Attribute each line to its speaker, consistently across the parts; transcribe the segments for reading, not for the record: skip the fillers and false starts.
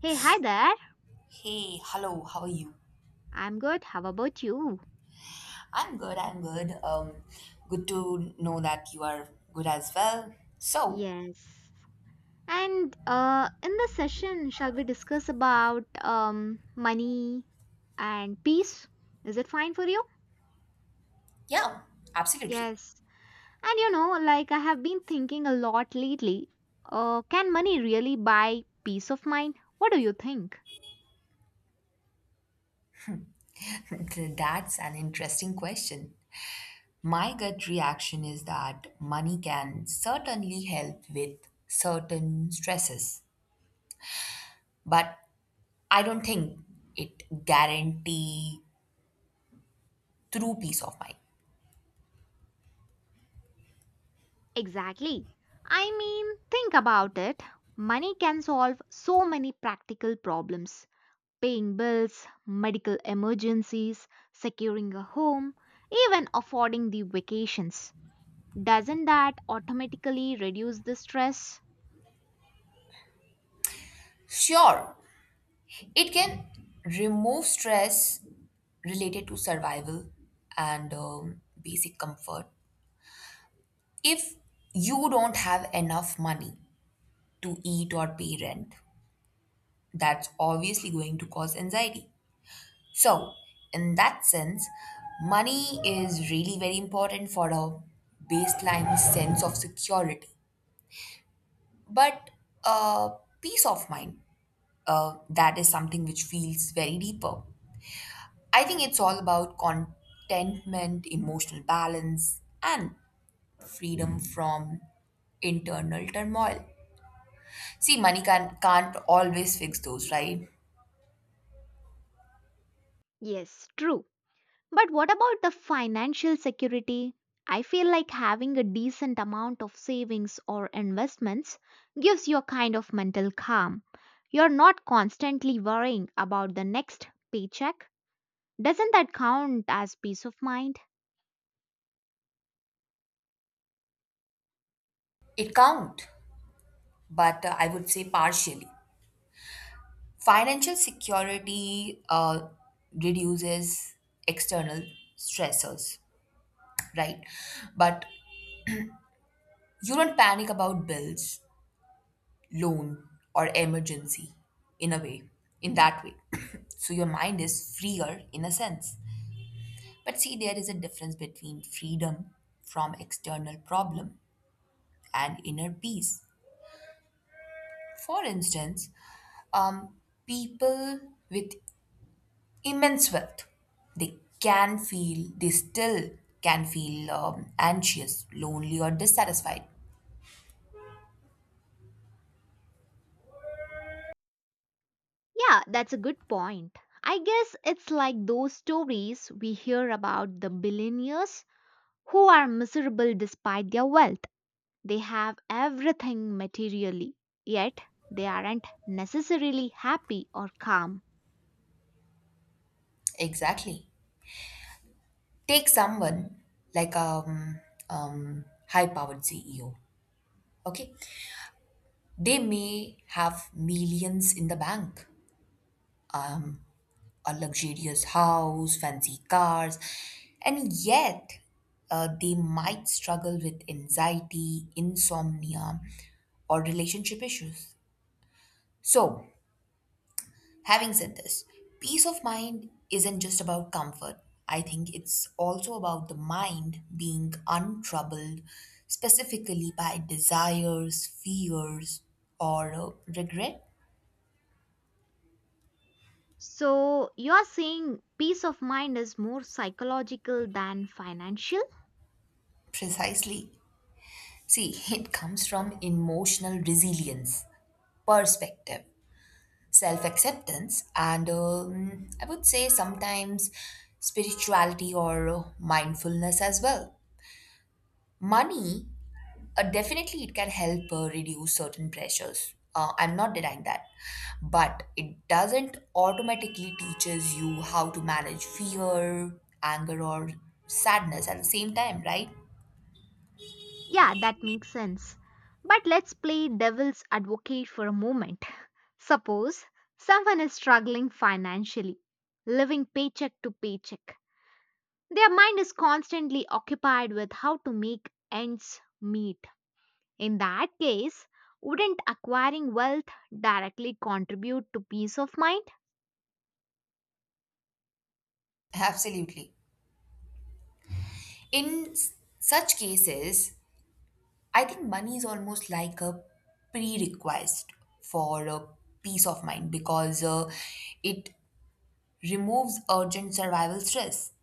Speaker 1: Hey, hi there.
Speaker 2: Hey, hello, how are you?
Speaker 1: I'm good. How about you?
Speaker 2: I'm good, I'm good. Good to know that you are good as well. So,
Speaker 1: Yes. And in this session, shall we discuss about money and peace? Is it fine for you?
Speaker 2: yeah, absolutely.
Speaker 1: Yes. And you know, like I have been thinking a lot lately. Can money really buy peace of mind? What do you think?
Speaker 2: That's an interesting question. My gut reaction is that money can certainly help with certain stresses, but I don't think it guarantee true peace of mind.
Speaker 1: Exactly. I mean, think about it. Money can solve so many practical problems paying bills, medical emergencies, securing a home, even affording the vacations. Doesn't that automatically reduce the stress?
Speaker 2: Sure, it can remove stress related to survival and basic comfort. If you don't have enough money to eat or pay rent, that's obviously going to cause anxiety. So, in that sense, money is really very important for a baseline sense of security. But uh, peace of mind, that is something which feels very deeper. I think it's all about contentment, emotional balance, and freedom from internal turmoil. See, money can't always fix those, right?
Speaker 1: Yes, true. But what about the financial security? I feel like having a decent amount of savings or investments gives you a kind of mental calm. You're not constantly worrying about the next paycheck. Doesn't that count as peace of mind?
Speaker 2: It can't, but I would say partially. Financial security reduces external stressors, right? But you don't panic about bills, loan, or emergency in a way, in that way. So your mind is freer in a sense. But see, there is a difference between freedom from external problem and inner peace. For instance, um, people with immense wealth, they still can feel anxious, lonely, or dissatisfied.
Speaker 1: Yeah, that's a good point. I guess it's like those stories we hear about the billionaires who are miserable despite their wealth. They have everything materially, yet they aren't necessarily happy or calm.
Speaker 2: Exactly. Take someone like high-powered CEO. Okay, they may have millions in the bank, a luxurious house, fancy cars, and yet they might struggle with anxiety, insomnia, or relationship issues. So, having said this, peace of mind isn't just about comfort. I think it's also about the mind being untroubled, specifically by desires, fears, or regret.
Speaker 1: So, you're saying peace of mind is more psychological than financial?
Speaker 2: Precisely. See, it comes from emotional resilience perspective, self acceptance, and I would say sometimes spirituality or mindfulness as well. Money, definitely, it can help reduce certain pressures. I'm not denying that, but it doesn't automatically teaches you how to manage fear, anger, or sadness at the same time, right?
Speaker 1: Yeah, that makes sense. But let's play devil's advocate for a moment. Suppose someone is struggling financially, living paycheck to paycheck. Their mind is constantly occupied with how to make ends meet. In that case, wouldn't acquiring wealth directly contribute to peace of mind?
Speaker 2: Absolutely. In such cases, I think money is almost like a prerequisite for a peace of mind because it removes urgent survival stress.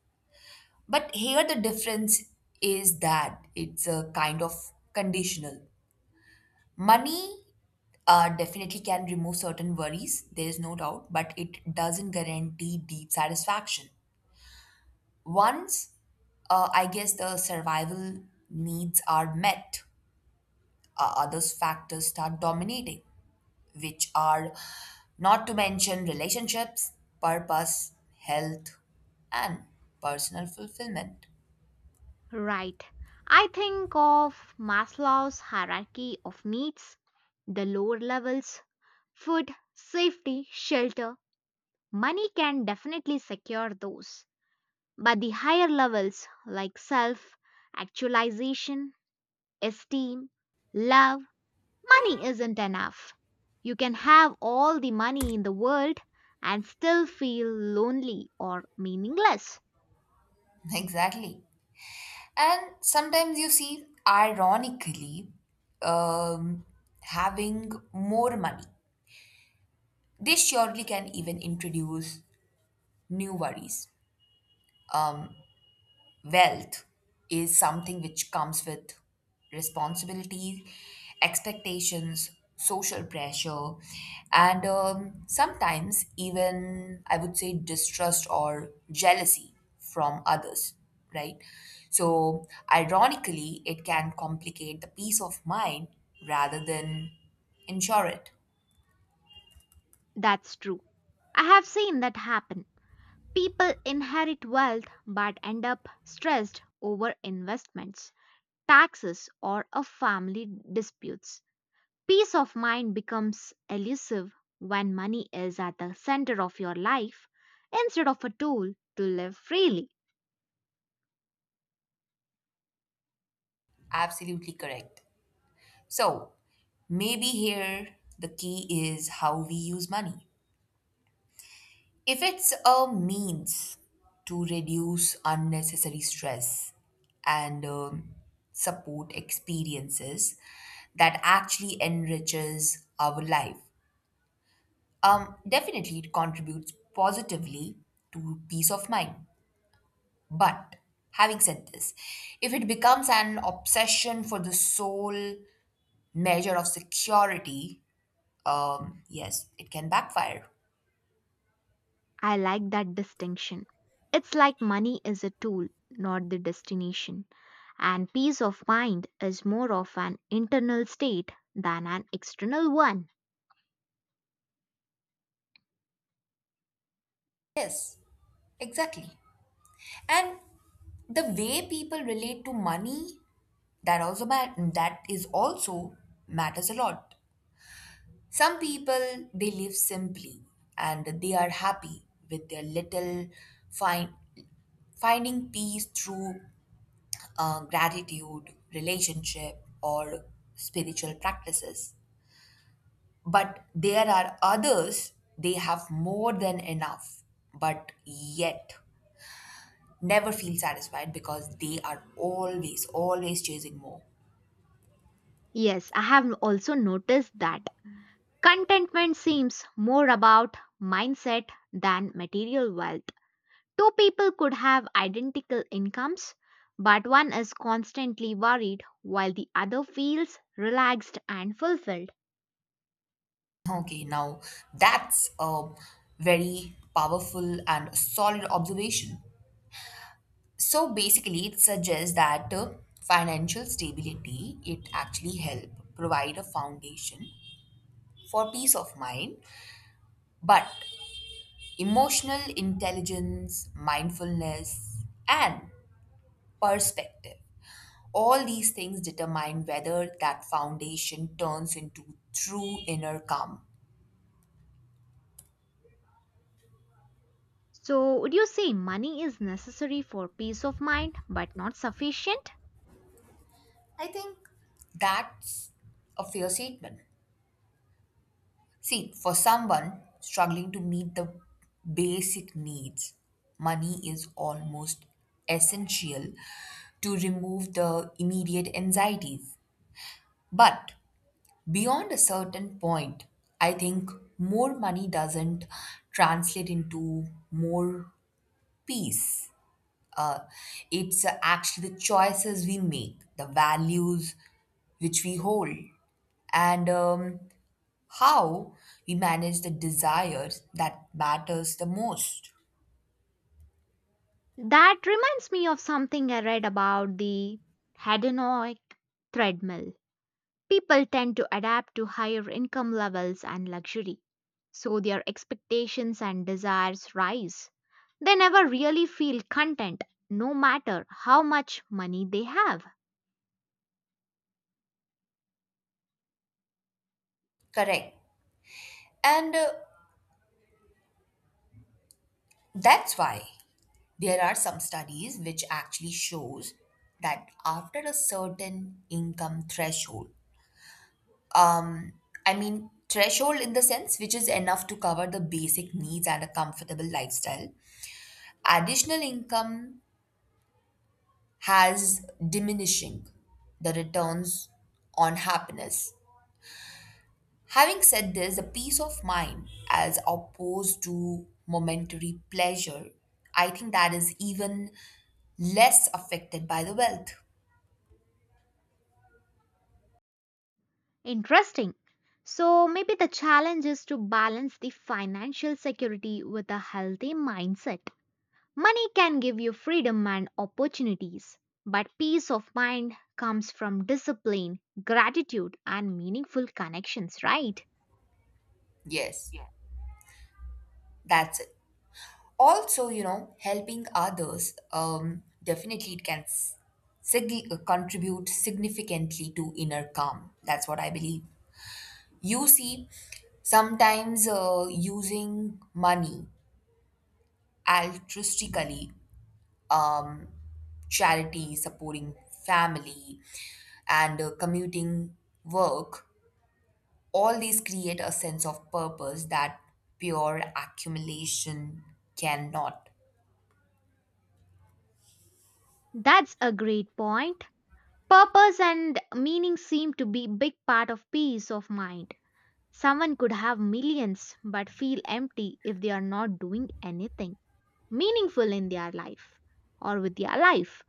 Speaker 2: But here the difference is that it's a kind of conditional. Money definitely can remove certain worries, there is no doubt, but it doesn't guarantee deep satisfaction. Once I guess the survival needs are met, others factors start dominating, which are not to mention relationships, purpose, health, and personal fulfillment.
Speaker 1: Right. I think of Maslow's hierarchy of needs, the lower levels food, safety, shelter, money can definitely secure those, but the higher levels like self, actualization, esteem, love, money isn't enough. You can have all the money in the world and still feel lonely or meaningless.
Speaker 2: Exactly. And sometimes you see, ironically, um, having more money, this surely can even introduce new worries. Um, Wealth is something which comes with responsibilities, expectations, social pressure, and sometimes even, I would say, distrust or jealousy from others, right? So, ironically, it can complicate the peace of mind rather than ensure it.
Speaker 1: That's true. I have seen that happen. People inherit wealth but end up stressed over investments, taxes, or a family disputes. Peace of mind becomes elusive when money is at the center of your life instead of a tool to live freely.
Speaker 2: Absolutely correct. So, maybe here the key is how we use money. If it's a means to reduce unnecessary stress and support experiences that actually enriches our life, definitely it contributes positively to peace of mind. But having said this, if it becomes an obsession for the sole measure of security, yes, it can backfire.
Speaker 1: I like that distinction. It's like money is a tool, not the destination. And peace of mind is more of an internal state than an external one.
Speaker 2: Yes, exactly. And the way people relate to money, that is also matters a lot. Some people, they live simply and they are happy with their little, find finding peace through gratitude relationship or spiritual practices. But there are others, they have more than enough, but yet never feel satisfied because they are always, always chasing more.
Speaker 1: Yes, I have also noticed that contentment seems more about mindset than material wealth. Two people could have identical incomes, but one is constantly worried while the other feels relaxed and fulfilled.
Speaker 2: Okay, now that's a very powerful and solid observation. So basically, it suggests that financial stability, it actually help provide a foundation for peace of mind, but emotional intelligence, mindfulness, and perspective, all these things determine whether that foundation turns into true inner calm.
Speaker 1: So, would you say money is necessary for peace of mind but not sufficient?
Speaker 2: I think that's a fair statement. See, for someone struggling to meet the basic needs, money is almost essential to remove the immediate anxieties. But beyond a certain point, I think more money doesn't translate into more peace. uh, it's actually the choices we make, the values which we hold, and how we manage the desires that matters the most.
Speaker 1: That reminds me of something I read about the hedonic treadmill. People tend to adapt to higher income levels and luxury, so their expectations and desires rise. They never really feel content, no matter how much money they have.
Speaker 2: Correct. And that's why there are some studies which actually shows that after a certain income threshold, um, I mean threshold in the sense which is enough to cover the basic needs and a comfortable lifestyle, additional income has diminishing the returns on happiness. Having said this, the peace of mind as opposed to momentary pleasure, I think that is even less affected by the wealth.
Speaker 1: Interesting. So, maybe the challenge is to balance the financial security with a healthy mindset. Money can give you freedom and opportunities, but peace of mind comes from discipline, gratitude, and meaningful connections, right?
Speaker 2: Yes, that's it. Also, helping others, definitely it can contribute significantly to inner calm. That's what I believe. You see, sometimes using money altruistically, um, charity, supporting family, and commuting work, all these create a sense of purpose that pure accumulation cannot.
Speaker 1: That's a great point. Purpose and meaning seem to be big part of peace of mind. Someone could have millions but feel empty if they are not doing anything meaningful in their life or with their life.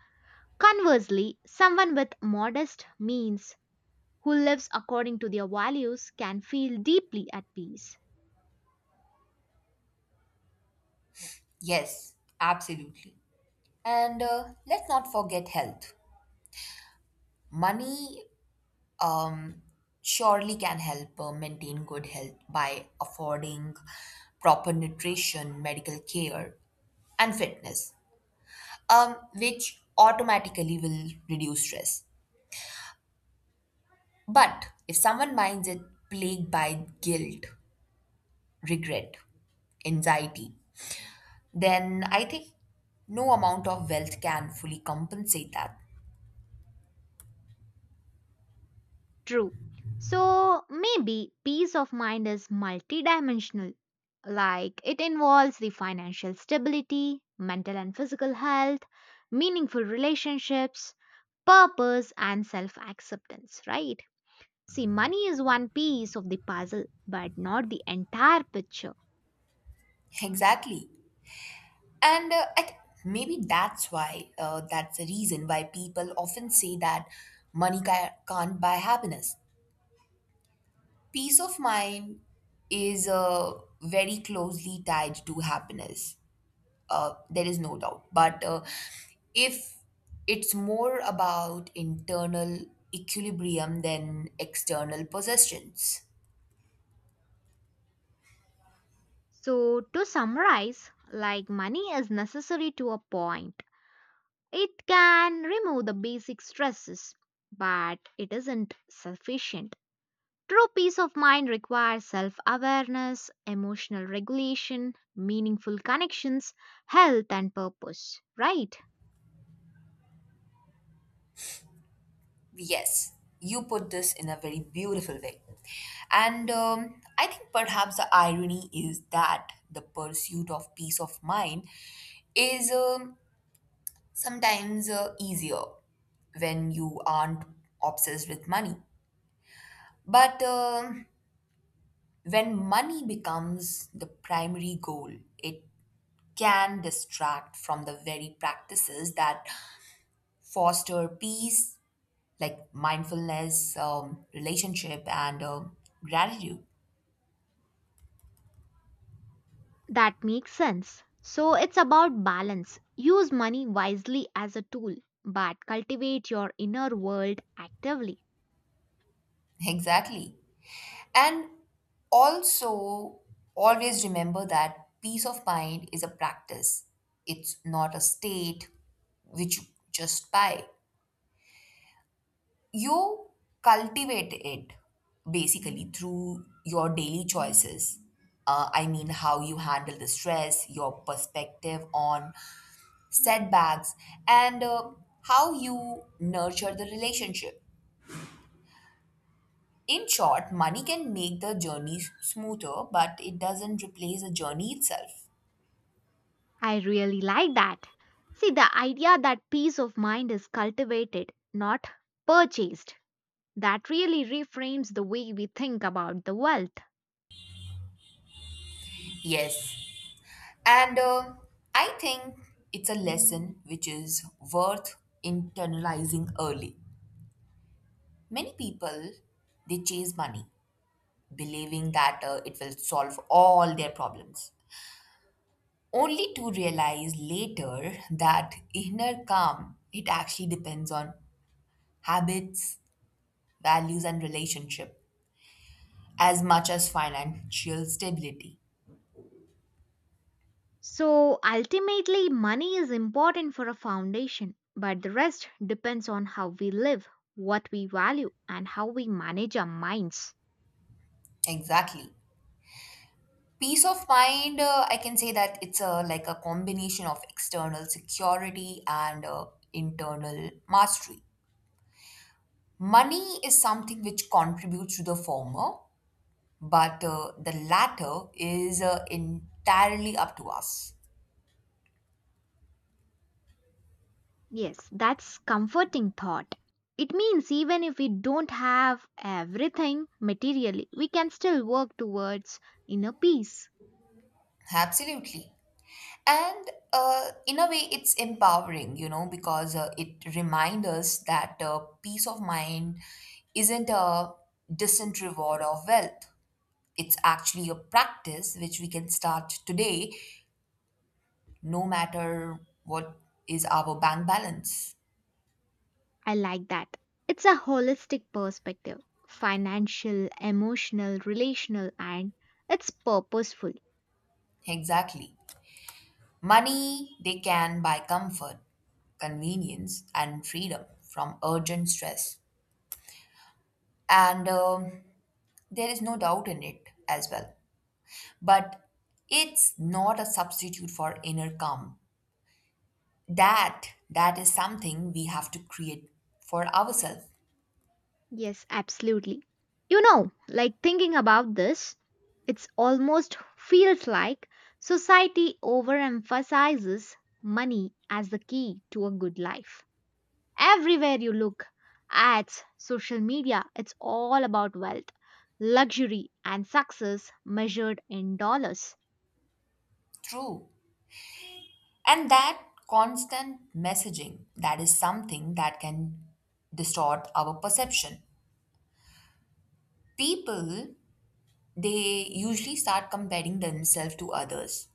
Speaker 1: Conversely, someone with modest means who lives according to their values can feel deeply at peace.
Speaker 2: Yes, absolutely. And let's not forget health. Money um, surely can help maintain good health by affording proper nutrition, medical care, and fitness, um, which automatically will reduce stress. But if someone minds it plagued by guilt, regret, anxiety, then I think no amount of wealth can fully compensate that.
Speaker 1: True. So maybe peace of mind is multidimensional. Like it involves the financial stability, mental and physical health, meaningful relationships, purpose, and self acceptance, right? See, money is one piece of the puzzle, but not the entire picture.
Speaker 2: Exactly. And I think maybe that's why, that's the reason why people often say that money can't buy happiness. Peace of mind is very closely tied to happiness, there is no doubt. But if it's more about internal equilibrium than external possessions,
Speaker 1: So, to summarize, like money is necessary to a point, it can remove the basic stresses, but it isn't sufficient. True peace of mind requires self awareness, emotional regulation, meaningful connections, health, and purpose, right?
Speaker 2: yes, you put this in a very beautiful way. And I think perhaps the irony is that the pursuit of peace of mind is sometimes easier when you aren't obsessed with money. But when money becomes the primary goal, it can distract from the very practices that foster peace, like mindfulness, relationship, and gratitude.
Speaker 1: That makes sense. So it's about balance. Use money wisely as a tool, but cultivate your inner world actively.
Speaker 2: Exactly. And also, always remember that peace of mind is a practice, it's not a state which you just buy. You cultivate it basically through your daily choices. I mean, how you handle the stress, your perspective on setbacks, and how you nurture the relationship. In short, money can make the journey smoother, but it doesn't replace the journey itself.
Speaker 1: I really like that. See, the idea that peace of mind is cultivated, not purchased, that really reframes the way we think about the wealth.
Speaker 2: Yes. And I think it's a lesson which is worth internalizing early. Many people they chase money believing that it will solve all their problems, only to realize later that inner calm, it actually depends on habits, values, and relationship as much as financial stability.
Speaker 1: So ultimately, money is important for a foundation, but the rest depends on how we live, what we value, and how we manage our minds.
Speaker 2: Exactly. Peace of mind, I can say that it's a like a combination of external security and internal mastery. Money is something which contributes to the former, but the latter is entirely up to us.
Speaker 1: Yes, that's comforting thought. It means even if we don't have everything materially, we can still work towards inner peace.
Speaker 2: Absolutely. And in a way, it's empowering, because it reminds us that peace of mind isn't a distant reward of wealth. It's actually a practice which we can start today, no matter what is our bank balance.
Speaker 1: I like that. It's a holistic perspective financial, emotional, relational, and it's purposeful.
Speaker 2: Exactly. Money, they can buy comfort, convenience, and freedom from urgent stress. And there is no doubt in it as well. But it's not a substitute for inner calm. That is something we have to create for ourselves.
Speaker 1: Yes, absolutely. You know, like thinking about this, it's almost feels like society overemphasizes money as the key to a good life. Everywhere you look, ads, social media, it's all about wealth, luxury, and success measured in dollars.
Speaker 2: True. And that constant messaging, that is something that can distort our perception. People, they usually start comparing themselves to others,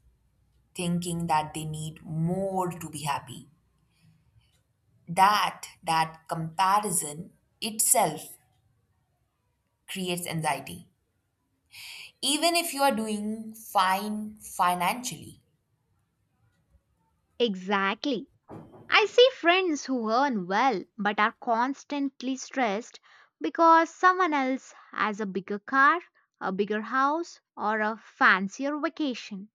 Speaker 2: thinking that they need more to be happy. That comparison itself creates anxiety, even if you are doing fine financially.
Speaker 1: Exactly. I see friends who earn well but are constantly stressed because someone else has a bigger car, a bigger house, or a fancier vacation.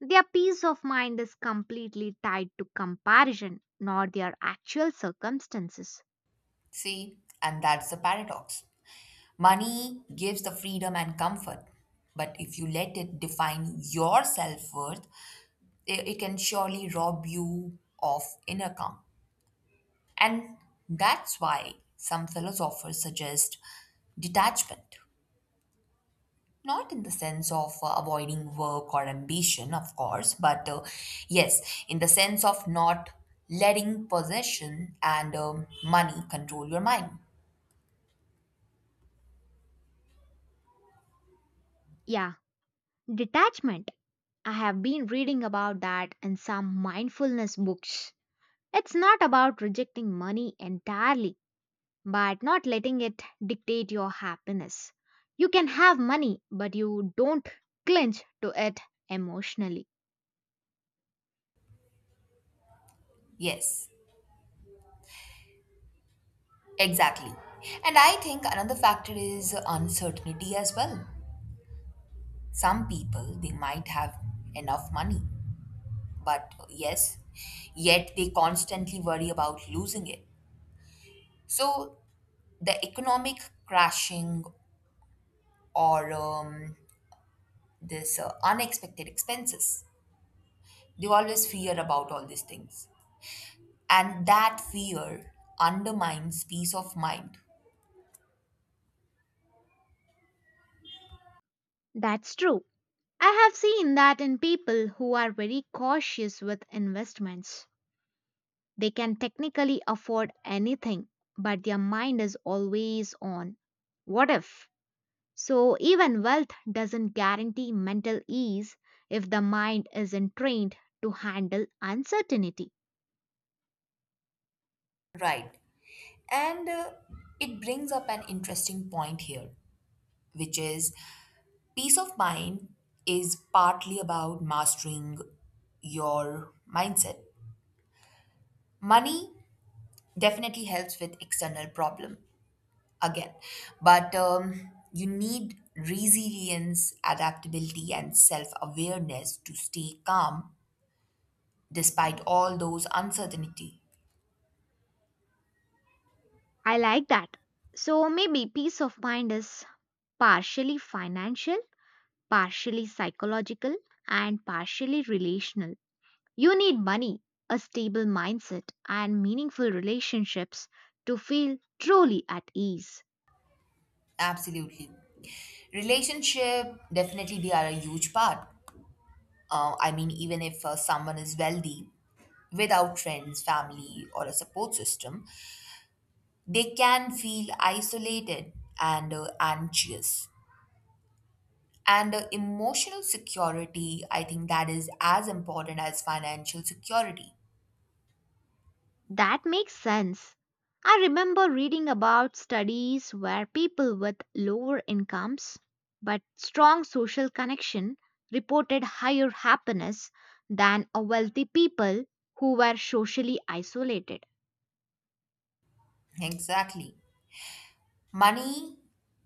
Speaker 1: Their peace of mind is completely tied to comparison, not their actual circumstances.
Speaker 2: See, and that's the paradox. Money gives the freedom and comfort, but if you let it define your self-worth, it can surely rob you of inner calm. And that's why some philosophers suggest detachment. Not in the sense of avoiding work or ambition, of course, but yes, in the sense of not letting possession and money control your mind.
Speaker 1: Yeah, detachment. I have been reading about that in some mindfulness books. It's not about rejecting money entirely but not letting it dictate your happiness. You can have money, but you don't clinch to it emotionally.
Speaker 2: Yes, exactly. And I think another factor is uncertainty as well. Some people, they might have enough money, but yes, yet they constantly worry about losing it. So the economic crashing, or this unexpected expenses, they always fear about all these things. And that fear undermines peace of mind.
Speaker 1: That's true. I have seen that in people who are very cautious with investments. They can technically afford anything, but their mind is always on what if? So, even wealth doesn't guarantee mental ease if the mind isn't trained to handle uncertainty.
Speaker 2: Right. And it brings up an interesting point here, which is, peace of mind is partly about mastering your mindset. Money definitely helps with external problem, again. But you need resilience, adaptability, and self awareness to stay calm despite all those uncertainty.
Speaker 1: I like that. So maybe peace of mind is partially financial, partially psychological, and partially relational. You need money, a stable mindset, and meaningful relationships to feel truly at ease.
Speaker 2: Absolutely. Relationship, definitely they are a huge part. I mean, even if someone is wealthy, without friends, family, or a support system, they can feel isolated and anxious. And emotional security, I think that is as important as financial security.
Speaker 1: That makes sense. I remember reading about studies where people with lower incomes but strong social connection reported higher happiness than a wealthy people who were socially isolated.
Speaker 2: Exactly. Money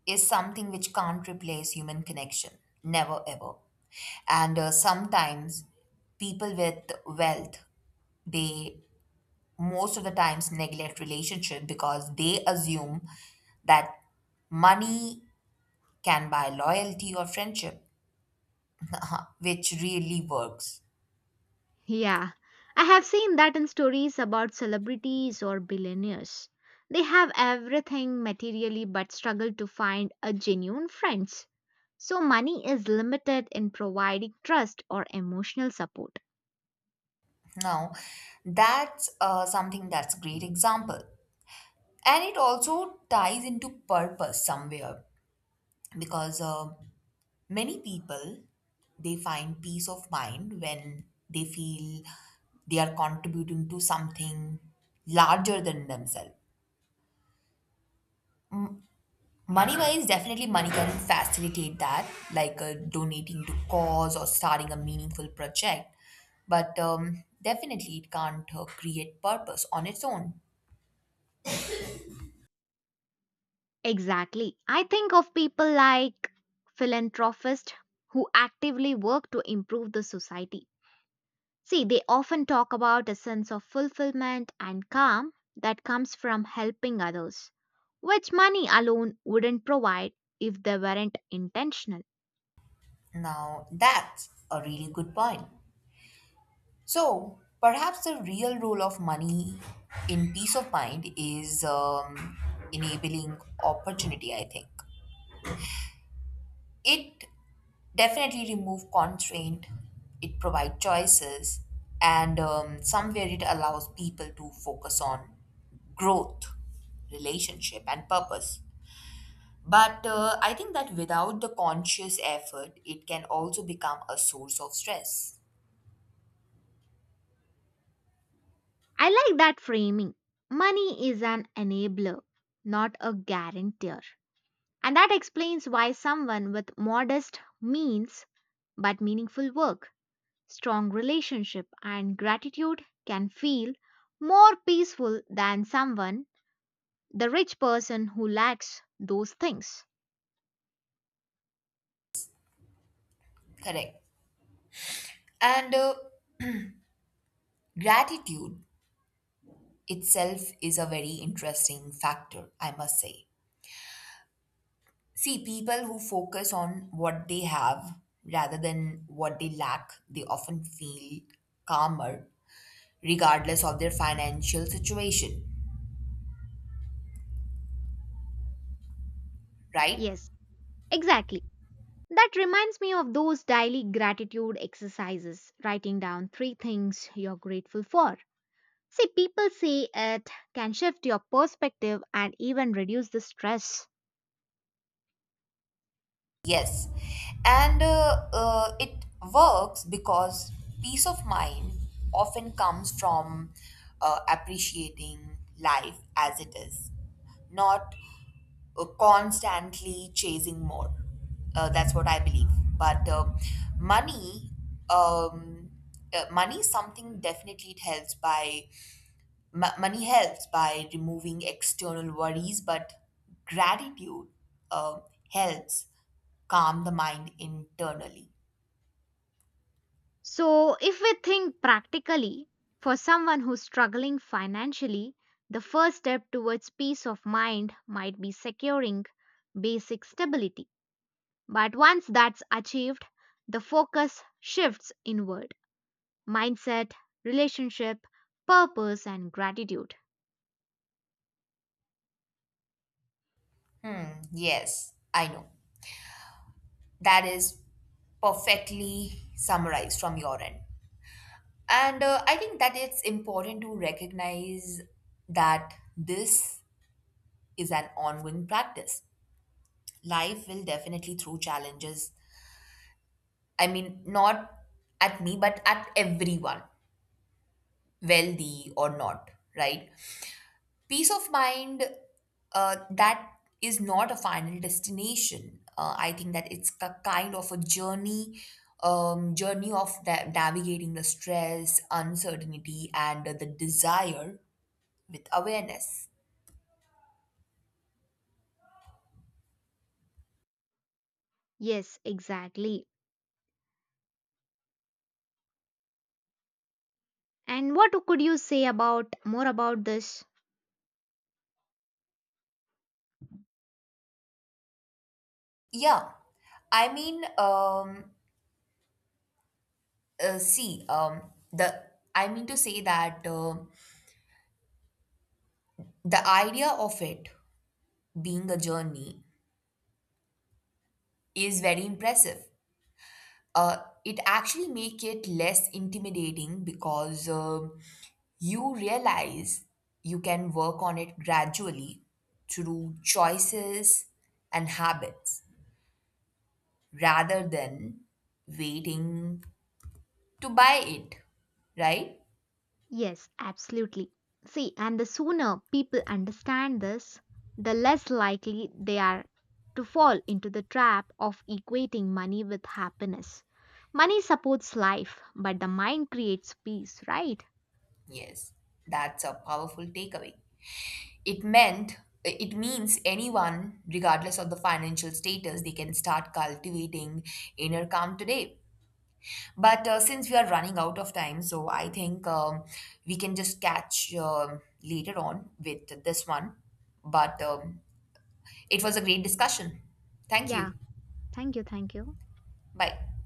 Speaker 2: is something which can't replace human connection, never ever. And sometimes people with wealth, they most of the times neglect relationship because they assume that money can buy loyalty or friendship, which really works.
Speaker 1: Yeah, I have seen that in stories about celebrities or billionaires. They have everything materially but struggle to find a genuine friends. So money is limited in providing trust or emotional support.
Speaker 2: Now, that's something that's great example. And it also ties into purpose somewhere, because many people, they find peace of mind when they feel they are contributing to something larger than themselves. Money wise, definitely money can facilitate that, like donating to cause or starting a meaningful project. But definitely, it can't create purpose on its own.
Speaker 1: Exactly. I think of people like philanthropists who actively work to improve the society. See, they often talk about a sense of fulfillment and calm that comes from helping others, which money alone wouldn't provide if they weren't intentional.
Speaker 2: Now, that's a really good point. So, perhaps the real role of money in peace of mind is enabling opportunity, I think. It definitely removes constraint, it provides choices, and somewhere it allows people to focus on growth, relationship, and purpose. But I think that without the conscious effort, it can also become a source of stress.
Speaker 1: I like that framing. Money is an enabler, not a guarantor. And that explains why someone with modest means but meaningful work strong relationship and gratitude can feel more peaceful than someone, the rich person who lacks those things.
Speaker 2: Correct. And gratitude itself is a very interesting factor, I must say. See, people who focus on what they have rather than what they lack, they often feel calmer regardless of their financial situation, right?
Speaker 1: Yes, exactly. That reminds me of those daily gratitude exercises, writing down three things you're grateful for. See, people say it can shift your perspective and even reduce the stress.
Speaker 2: Yes, and it works because peace of mind often comes from appreciating life as it is, not constantly chasing more. That's what I believe. But money, um, money is something definitely it helps by Mo- money helps by removing external worries, but gratitude um, helps calm the mind internally.
Speaker 1: So, if we think practically, for someone who's struggling financially, the first step towards peace of mind might be securing basic stability. But once that's achieved, the focus shifts inward mindset, relationship, purpose, and gratitude.
Speaker 2: Hmm, yes, I know. That is perfectly summarized from your end. And I think that it's important to recognize that this is an ongoing practice. Life will definitely throw challenges. I mean, not at me, but at everyone, wealthy or not, right? Peace of mind, that is not a final destination. I think that it's a kind of a journey, journey of navigating the stress, uncertainty, and the desire with awareness.
Speaker 1: Yes, exactly. And what could you say about more about this?
Speaker 2: Yeah, I mean see, the I mean to say that, the idea of it being a journey is very impressive. uh, it actually make it less intimidating because you realize you can work on it gradually through choices and habits rather than waiting to buy it, right?
Speaker 1: Yes, absolutely. See, and the sooner people understand this, the less likely they are to fall into the trap of equating money with happiness. Money supports life, but the mind creates peace, right?
Speaker 2: Yes, that's a powerful takeaway. it meant it means anyone, regardless of the financial status, they can start cultivating inner calm today. But since we are running out of time, so I think we can just catch later on with this one. But it was a great discussion. Thank
Speaker 1: Yeah,
Speaker 2: you.
Speaker 1: thank you.
Speaker 2: Bye.